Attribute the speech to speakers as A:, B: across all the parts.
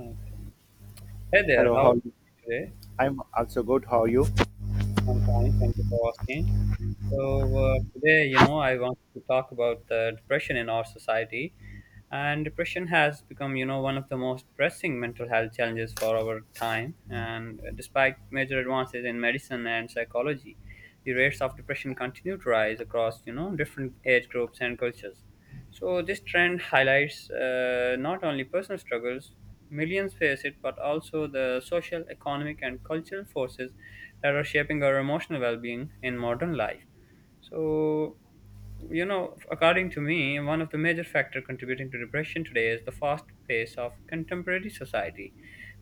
A: Okay. Hey there,
B: Hello,
A: how are
B: how are you?
A: you today?
B: I'm also good. How are you?
A: I'm fine. Thank you for asking. So today, I want to talk about depression in our society, and depression has become, you know, one of the most pressing mental health challenges for our time. And despite major advances in medicine and psychology, the rates of depression continue to rise across, you know, different age groups and cultures. So this trend highlights not only personal struggles. Millions face it, but also the social, economic, and cultural forces that are shaping our emotional well being in modern life. So, you know, according to me, one of the major factor contributing to depression today is the fast pace of contemporary society,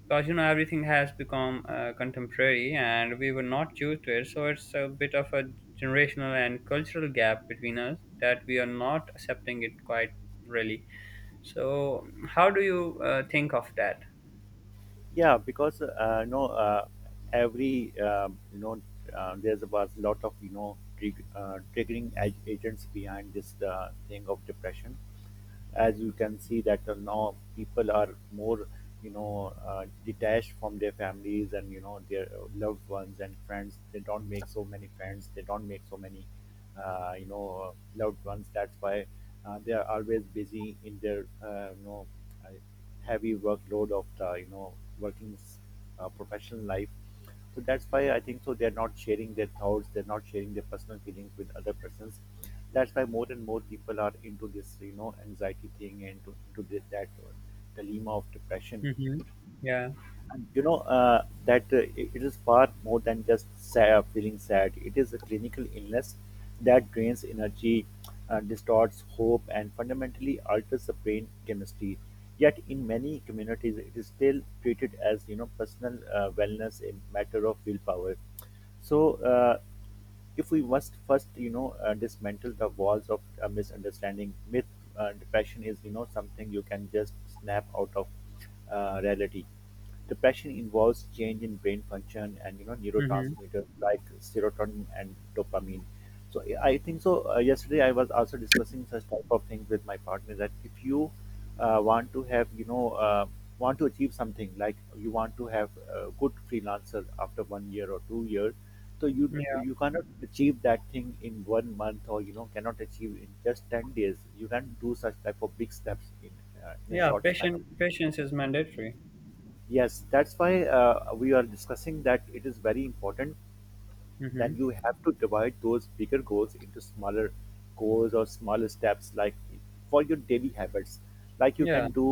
A: because you know everything has become contemporary, and we were not used to it. So it's a bit of a generational and cultural gap between us that we are not accepting it quite really. So, how do you think of that?
B: Yeah, because every there was a lot of triggering agents behind this thing of depression. As you can see that now people are more detached from their families and their loved ones and friends. They don't make so many friends, they don't make so many loved ones. That's why they are always busy in their uh, heavy workload of the working professional life. So that's why I think so they're not sharing their thoughts, they're not sharing their personal feelings with other persons. That's why more and more people are into this, you know, anxiety thing and into this, that dilemma of depression.
A: Mm-hmm. Yeah.
B: And that it is far more than just sad, feeling sad. It is a clinical illness that drains energy, distorts hope, and fundamentally alters the brain chemistry. Yet, in many communities, it is still treated as personal wellness, a matter of willpower. So if we must first dismantle the walls of misunderstanding myth. Depression is something you can just snap out of. Reality, depression involves change in brain function and
A: Mm-hmm.
B: neurotransmitters like serotonin and dopamine. So I think so yesterday I was also discussing such type of things with my partner that if you want to have want to achieve something, like you want to have a good freelancer after 1 year or 2 years. So you
A: Yeah.
B: you cannot achieve that thing in 1 month or cannot achieve in just 10 days. You can do such type of big steps in a
A: Yeah.
B: short span of
A: Patient
B: time.
A: patience is mandatory.
B: Yes, that's why uh, we are discussing that it is very important. Then
A: Mm-hmm.
B: you have to divide those bigger goals into smaller goals or smaller steps, like for your daily habits. Like you
A: Yeah.
B: can do,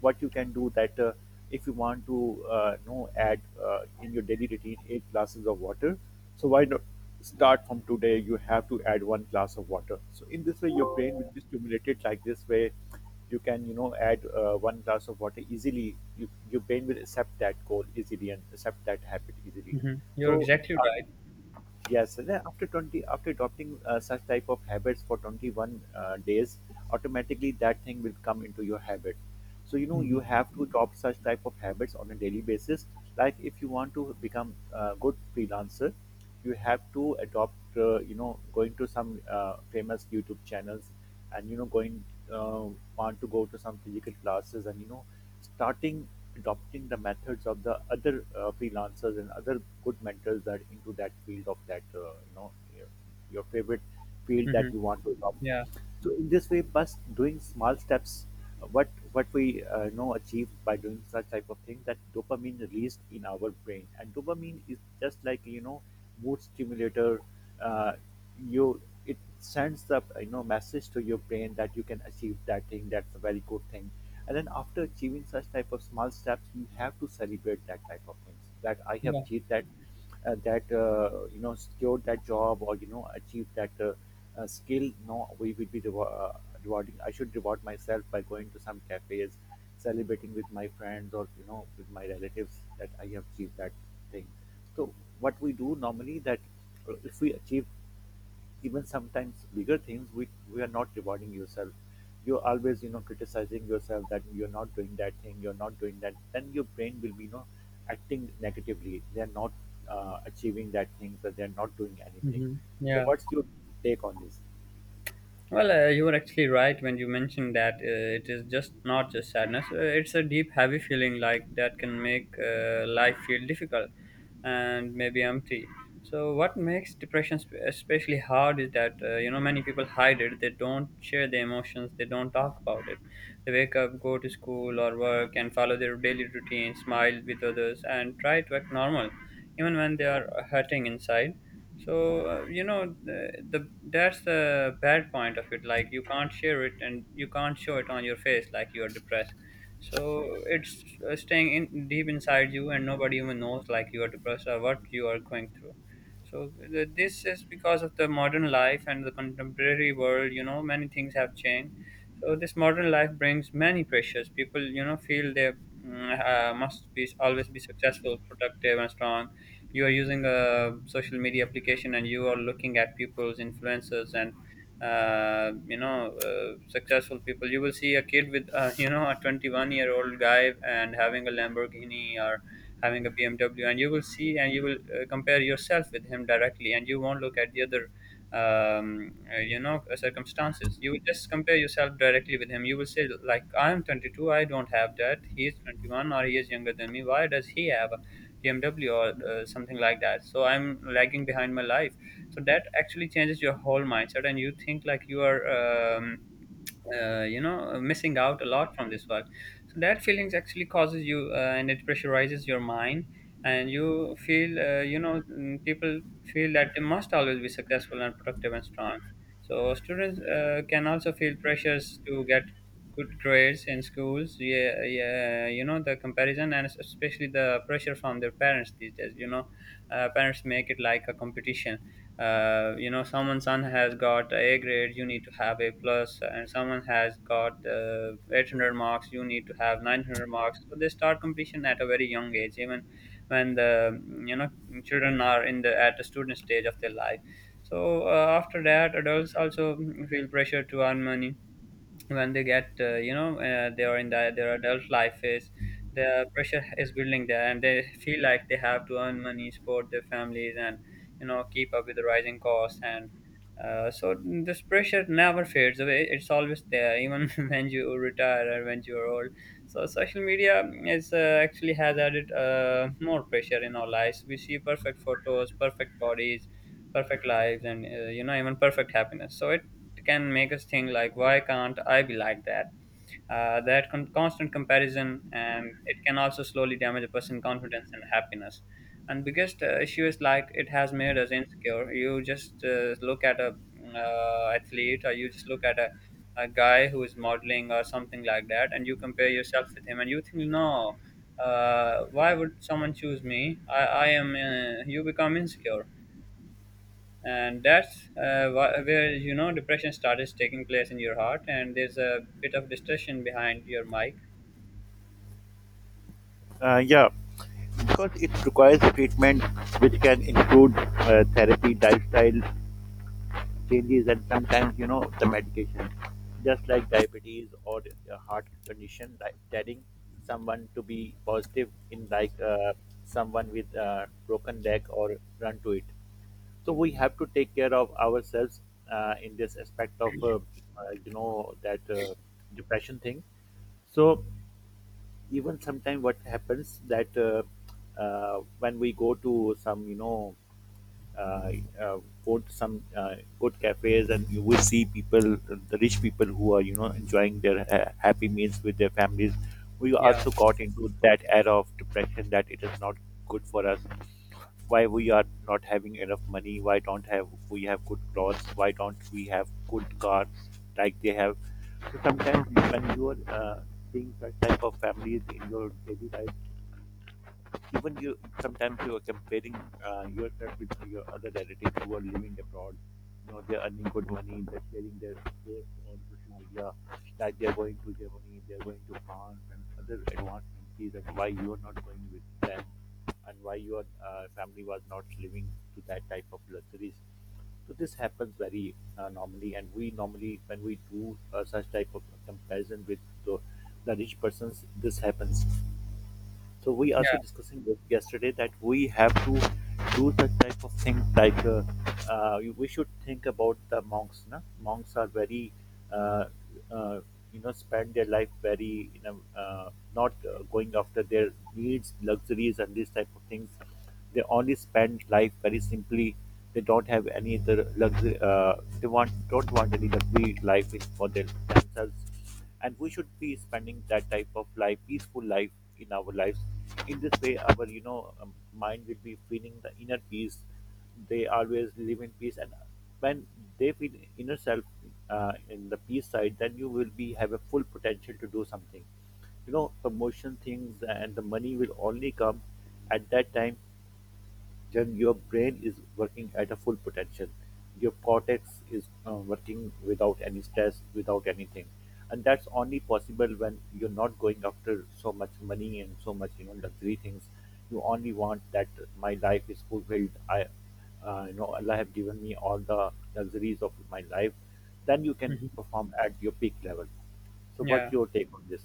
B: what you can do that if you want to know add in your daily routine 8 glasses of water, so why not start from today? You have to add 1 glass of water, so in this way your brain will be stimulated. Like this way you can add 1 glass of water easily. You, your brain will accept that goal easily and accept that habit easily.
A: Mm-hmm. You're
B: So
A: exactly right.
B: yes, and then after 20, after adopting such type of habits for 21 days, automatically that thing will come into your habit. So, you know,
A: Mhm.
B: you have to adopt such type of habits on a daily basis. Like if you want to become a good freelancer, you have to adopt, you know, going to some famous YouTube channels and, you know, going, uh, want to go to some physical classes and, you know, starting adopting the methods of the other freelancers and other good mentors that into that field of that you know your your favorite field
A: Mhm.
B: that you want to adopt.
A: Yeah.
B: So in this way, bus doing small steps, what we know achieve by doing such type of thing, that dopamine released in our brain, and dopamine is just like mood stimulator. Uh, you, it sends the message to your brain that you can achieve that thing. That's a very good thing. And then after achieving such type of small steps, you have to celebrate that type of things. That I have
A: Yeah.
B: achieved that, you know secured that job or you know achieved that. Skill, no, we will be rewarding, I should reward myself by going to some cafes, celebrating with my friends or you know with my relatives, that I have achieved that thing. So what we do normally that if we achieve even sometimes bigger things, we are not rewarding yourself. You're always you know criticizing yourself that you're not doing that thing, you're not doing that. Then your brain will be you know acting negatively. They're not achieving that thing, so they're not doing anything.
A: Mhm.
B: So
A: Yeah.
B: what's your take on this?
A: Well, you were actually right when you mentioned that it is just not just sadness. It's a deep, heavy feeling like that can make life feel difficult and maybe empty. So, what makes depression especially hard is that you know many people hide it. They don't share their emotions. They don't talk about it. They wake up, go to school or work, and follow their daily routine, smile with others, and try to act normal, even when they are hurting inside. So you know, the that's the bad point of it, like you can't share it and you can't show it on your face like you're depressed. So it's staying in deep inside you and nobody even knows like you are depressed or what you are going through. So this is because of the modern life and the contemporary world. You know, many things have changed. So this modern life brings many pressures. People you know feel they must be always be successful, productive, and strong. You are using a social media application and you are looking at people's influencers and successful people. You will see a kid with you know a 21-year-old guy and having a lamborghini or having a BMW, and you will see and you will compare yourself with him directly, and you won't look at the other you know circumstances. You will just compare yourself directly with him. You will say like, I'm 22, I don't have that. He is 21, or he is younger than me. Why does he have BMW or something like that? So I'm lagging behind my life. So that actually changes your whole mindset, and you think like you are Um, you know missing out a lot from this work. So that feelings actually causes you and it pressurizes your mind, and you feel people feel that they must always be successful and productive and strong. So students can also feel pressures to get good grades in schools, yeah, yeah, you know the comparison, and especially the pressure from their parents these days, you know, parents make it like a competition. You know, someone's son has got a grade, you need to have a plus, and someone has got 800 marks, you need to have 900 marks. So they start competition at a very young age, even when the, you know, children are in the at the student stage of their life. So after that adults also feel pressure to earn money. When they get they are in the, their adult life phase, the pressure is building there and they feel like they have to earn money, support their families, and you know keep up with the rising costs and so this pressure never fades away. It's always there, even when you retire or when you are old. So social media is actually has added more pressure in our lives. We see perfect photos, perfect bodies, perfect lives, and you know, even perfect happiness, so it can make us think like, why can't I be like that? That constant comparison, and it can also slowly damage a person's confidence and happiness. And biggest issue is like it has made us insecure. You just look at a athlete, or you just look at a guy who is modeling or something like that, and you compare yourself with him, and you think, no, why would someone choose me? I am. You become insecure, and that's where you know depression starts taking place in your heart, and there's a bit of distortion behind your mic.
B: Yeah, because it requires treatment which can include therapy, lifestyle changes, and sometimes, you know, the medication. Just like diabetes or a heart condition, like telling someone to be positive in like someone with a broken leg or run to it. So we have to take care of ourselves in this aspect of, you know, that depression thing. So even sometimes what happens that when we go to some you know uh, uh, go to some good cafes, and you will see people, the rich people who are you know enjoying their happy meals with their families. We
A: Yeah.
B: also got into that era of depression, that it is not good for us. Why we are not having enough money, why don't have we have good clothes, why don't we have good cars like they have. So sometimes when you are seeing such type of families in your daily life, even you sometimes you are comparing yourself with your other relatives who are living abroad. You know, they're earning good money, they're sharing their posts on social media, like they're going to Germany, they're going to France and other advanced countries, and why you are not going with them, and why your family was not living to that type of luxuries. So this happens very normally, and we normally when we do such type of comparison with the, the rich persons, this happens. So we
A: Yeah.
B: also discussing this yesterday that we have to do the type of thing like we should think about the monks. Na? Monks are very, uh, uh, you know, spend their life very in a not going after their needs, luxuries, and these type of things. They only spend life very simply. They don't have any other luxury. They want don't want any luxury life in, for their, themselves, and we should be spending that type of life, peaceful life in our lives. In this way, our you know mind will be feeling the inner peace. They always live in peace, and when they feel inner self in the peace side, then you will be have a full potential to do something, you know, promotion things, and the money will only come at that time. Then your brain is working at a full potential. Your cortex is working without any stress, without anything, and that's only possible when you're not going after so much money and so much you know luxury things. You only want that my life is fulfilled. I, you know, Allah have given me all the luxuries of my life. Then you can
A: Mhm.
B: perform at your peak level. So, what's
A: Yeah.
B: your take on this?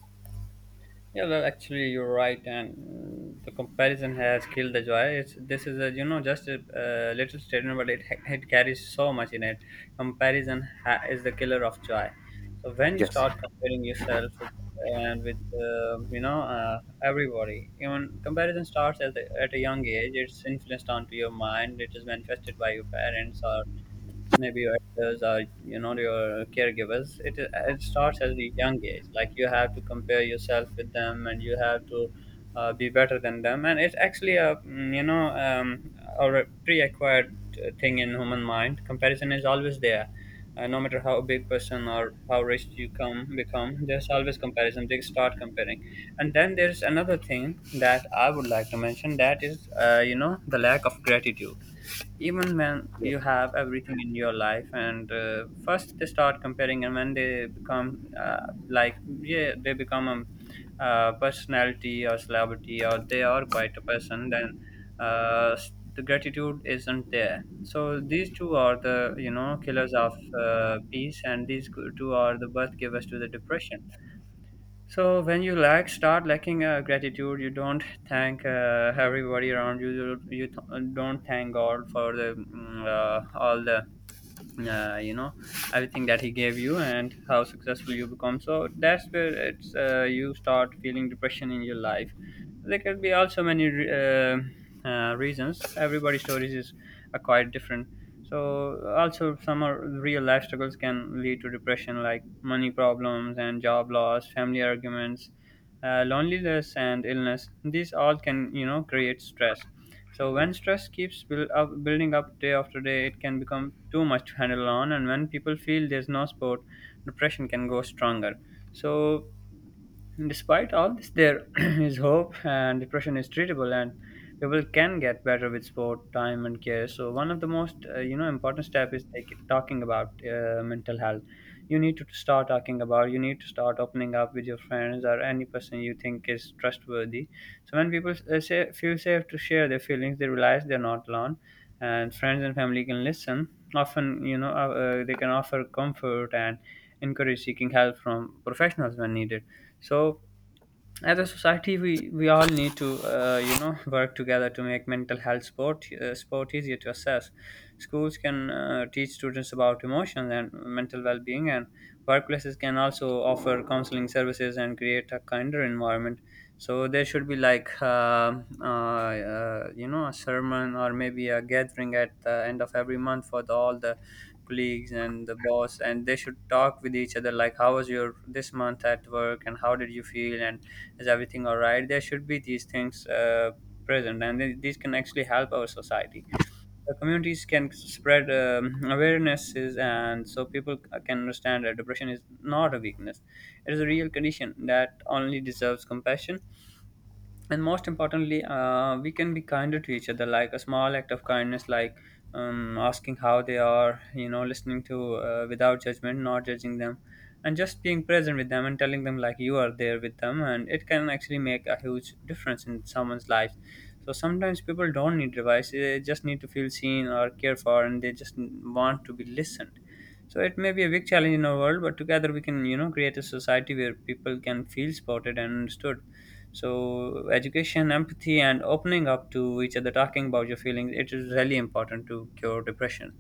A: Yeah, well, actually, you're right, and the comparison has killed the joy. It's this is a, you know, just a, little statement, but it carries so much in it. Comparison is the killer of joy. So when you
B: Yes.
A: start comparing yourself with, and with everybody, even comparison starts at at a young age. It's influenced onto your mind. It is manifested by your parents or maybe your elders or you know your caregivers. It starts at a young age, like you have to compare yourself with them and you have to be better than them, and it's actually a or a pre-acquired thing in human mind. Comparison is always there, no matter how big person or how rich you come become, there's always comparison. They start comparing. And then there's another thing that I would like to mention, that is you know the lack of gratitude, even when you
B: Yes.
A: have everything in your life. And first they start comparing, and when they become like yeah they become a personality or celebrity, or they are quite a person, then the gratitude isn't there. So these two are the, you know, killers of peace, and these two are the birth givers to the depression. So when you start lacking gratitude, you don't thank everybody around you. You don't thank God for the all the uh, you know everything that he gave you and how successful you become. So that's where it's you start feeling depression in your life. There could be also many reasons. Everybody's stories is are quite different. So also some are real life struggles can lead to depression, like money problems and job loss, family arguments, loneliness and illness. These all can you know create stress. So when stress keeps building up day after day, it can become too much to handle on, and when people feel there's no support, depression can go stronger. So despite all this, there is hope, and depression is treatable, and people can get better with support, time and care. So one of the most, you know, important step is like talking about mental health. You need to start talking about, you need to start opening up with your friends or any person you think is trustworthy. So when people feel safe to share their feelings, they realize they're not alone, and friends and family can listen, often you know they can offer comfort and encourage seeking help from professionals when needed. So as a society, we all need to you know work together to make mental health sport easier to assess. Schools can teach students about emotions and mental well-being, and workplaces can also offer counseling services and create a kinder environment. So there should be like you know a sermon, or maybe a gathering at the end of every month, for all the colleagues and the boss, and they should talk with each other like, how was your this month at work, and how did you feel, and is everything all right? There should be these things present, and these can actually help our society. The communities can spread awarenesses, and so people can understand that depression is not a weakness, it is a real condition that only deserves compassion. And most importantly, we can be kinder to each other, like a small act of kindness, like asking how they are, you know, listening to without judgment, not judging them, and just being present with them and telling them like you are there with them, and it can actually make a huge difference in someone's life. So sometimes people don't need advice, they just need to feel seen or cared for, and they just want to be listened. So it may be a big challenge in our world, but together we can you know create a society where people can feel supported and understood. So education, empathy, and opening up to each other, talking about your feelings, it is really important to cure depression.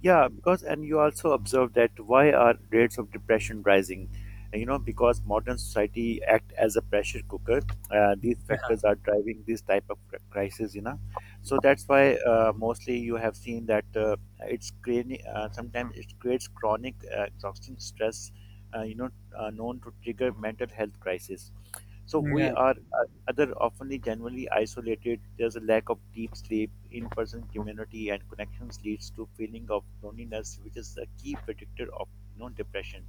B: Yeah, because and you also observe that why are rates of depression rising? And, you know, because modern society act as a pressure cooker. These
A: Yeah.
B: factors are driving this type of crisis. You know, so that's why mostly you have seen that it's creating. Sometimes it creates chronic, exhausting stress. Uh, you know, known to trigger mental health crisis. So we
A: Yeah.
B: are other often genuinely isolated. There's a lack of deep sleep, in-person community, and connections leads to feeling of loneliness, which is a key predictor of you know depression.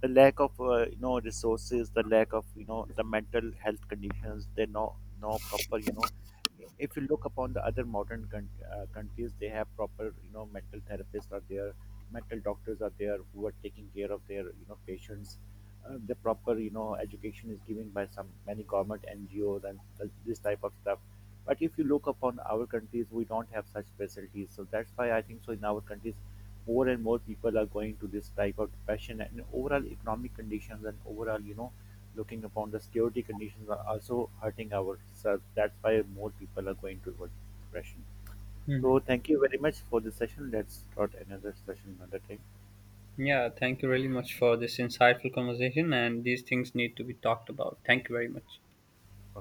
B: The lack of you know resources, the lack of you know the mental health conditions. They no no proper you know, if you look upon the other modern countries, they have proper you know mental therapists are there, mental doctors are there who are taking care of their you know patients. The proper you know education is given by some many government ngos and this type of stuff. But if you look upon our countries, we don't have such facilities. So that's why I think so in our countries, more and more people are going to this type of depression, and overall economic conditions and overall you know looking upon the security conditions are also hurting ourselves. That's why more people are going towards depression. So
A: Hmm.
B: thank you very much for this session. Let's start another session another time.
A: Yeah. Thank you really much for this insightful conversation, and these things need to be talked about. Thank you very much.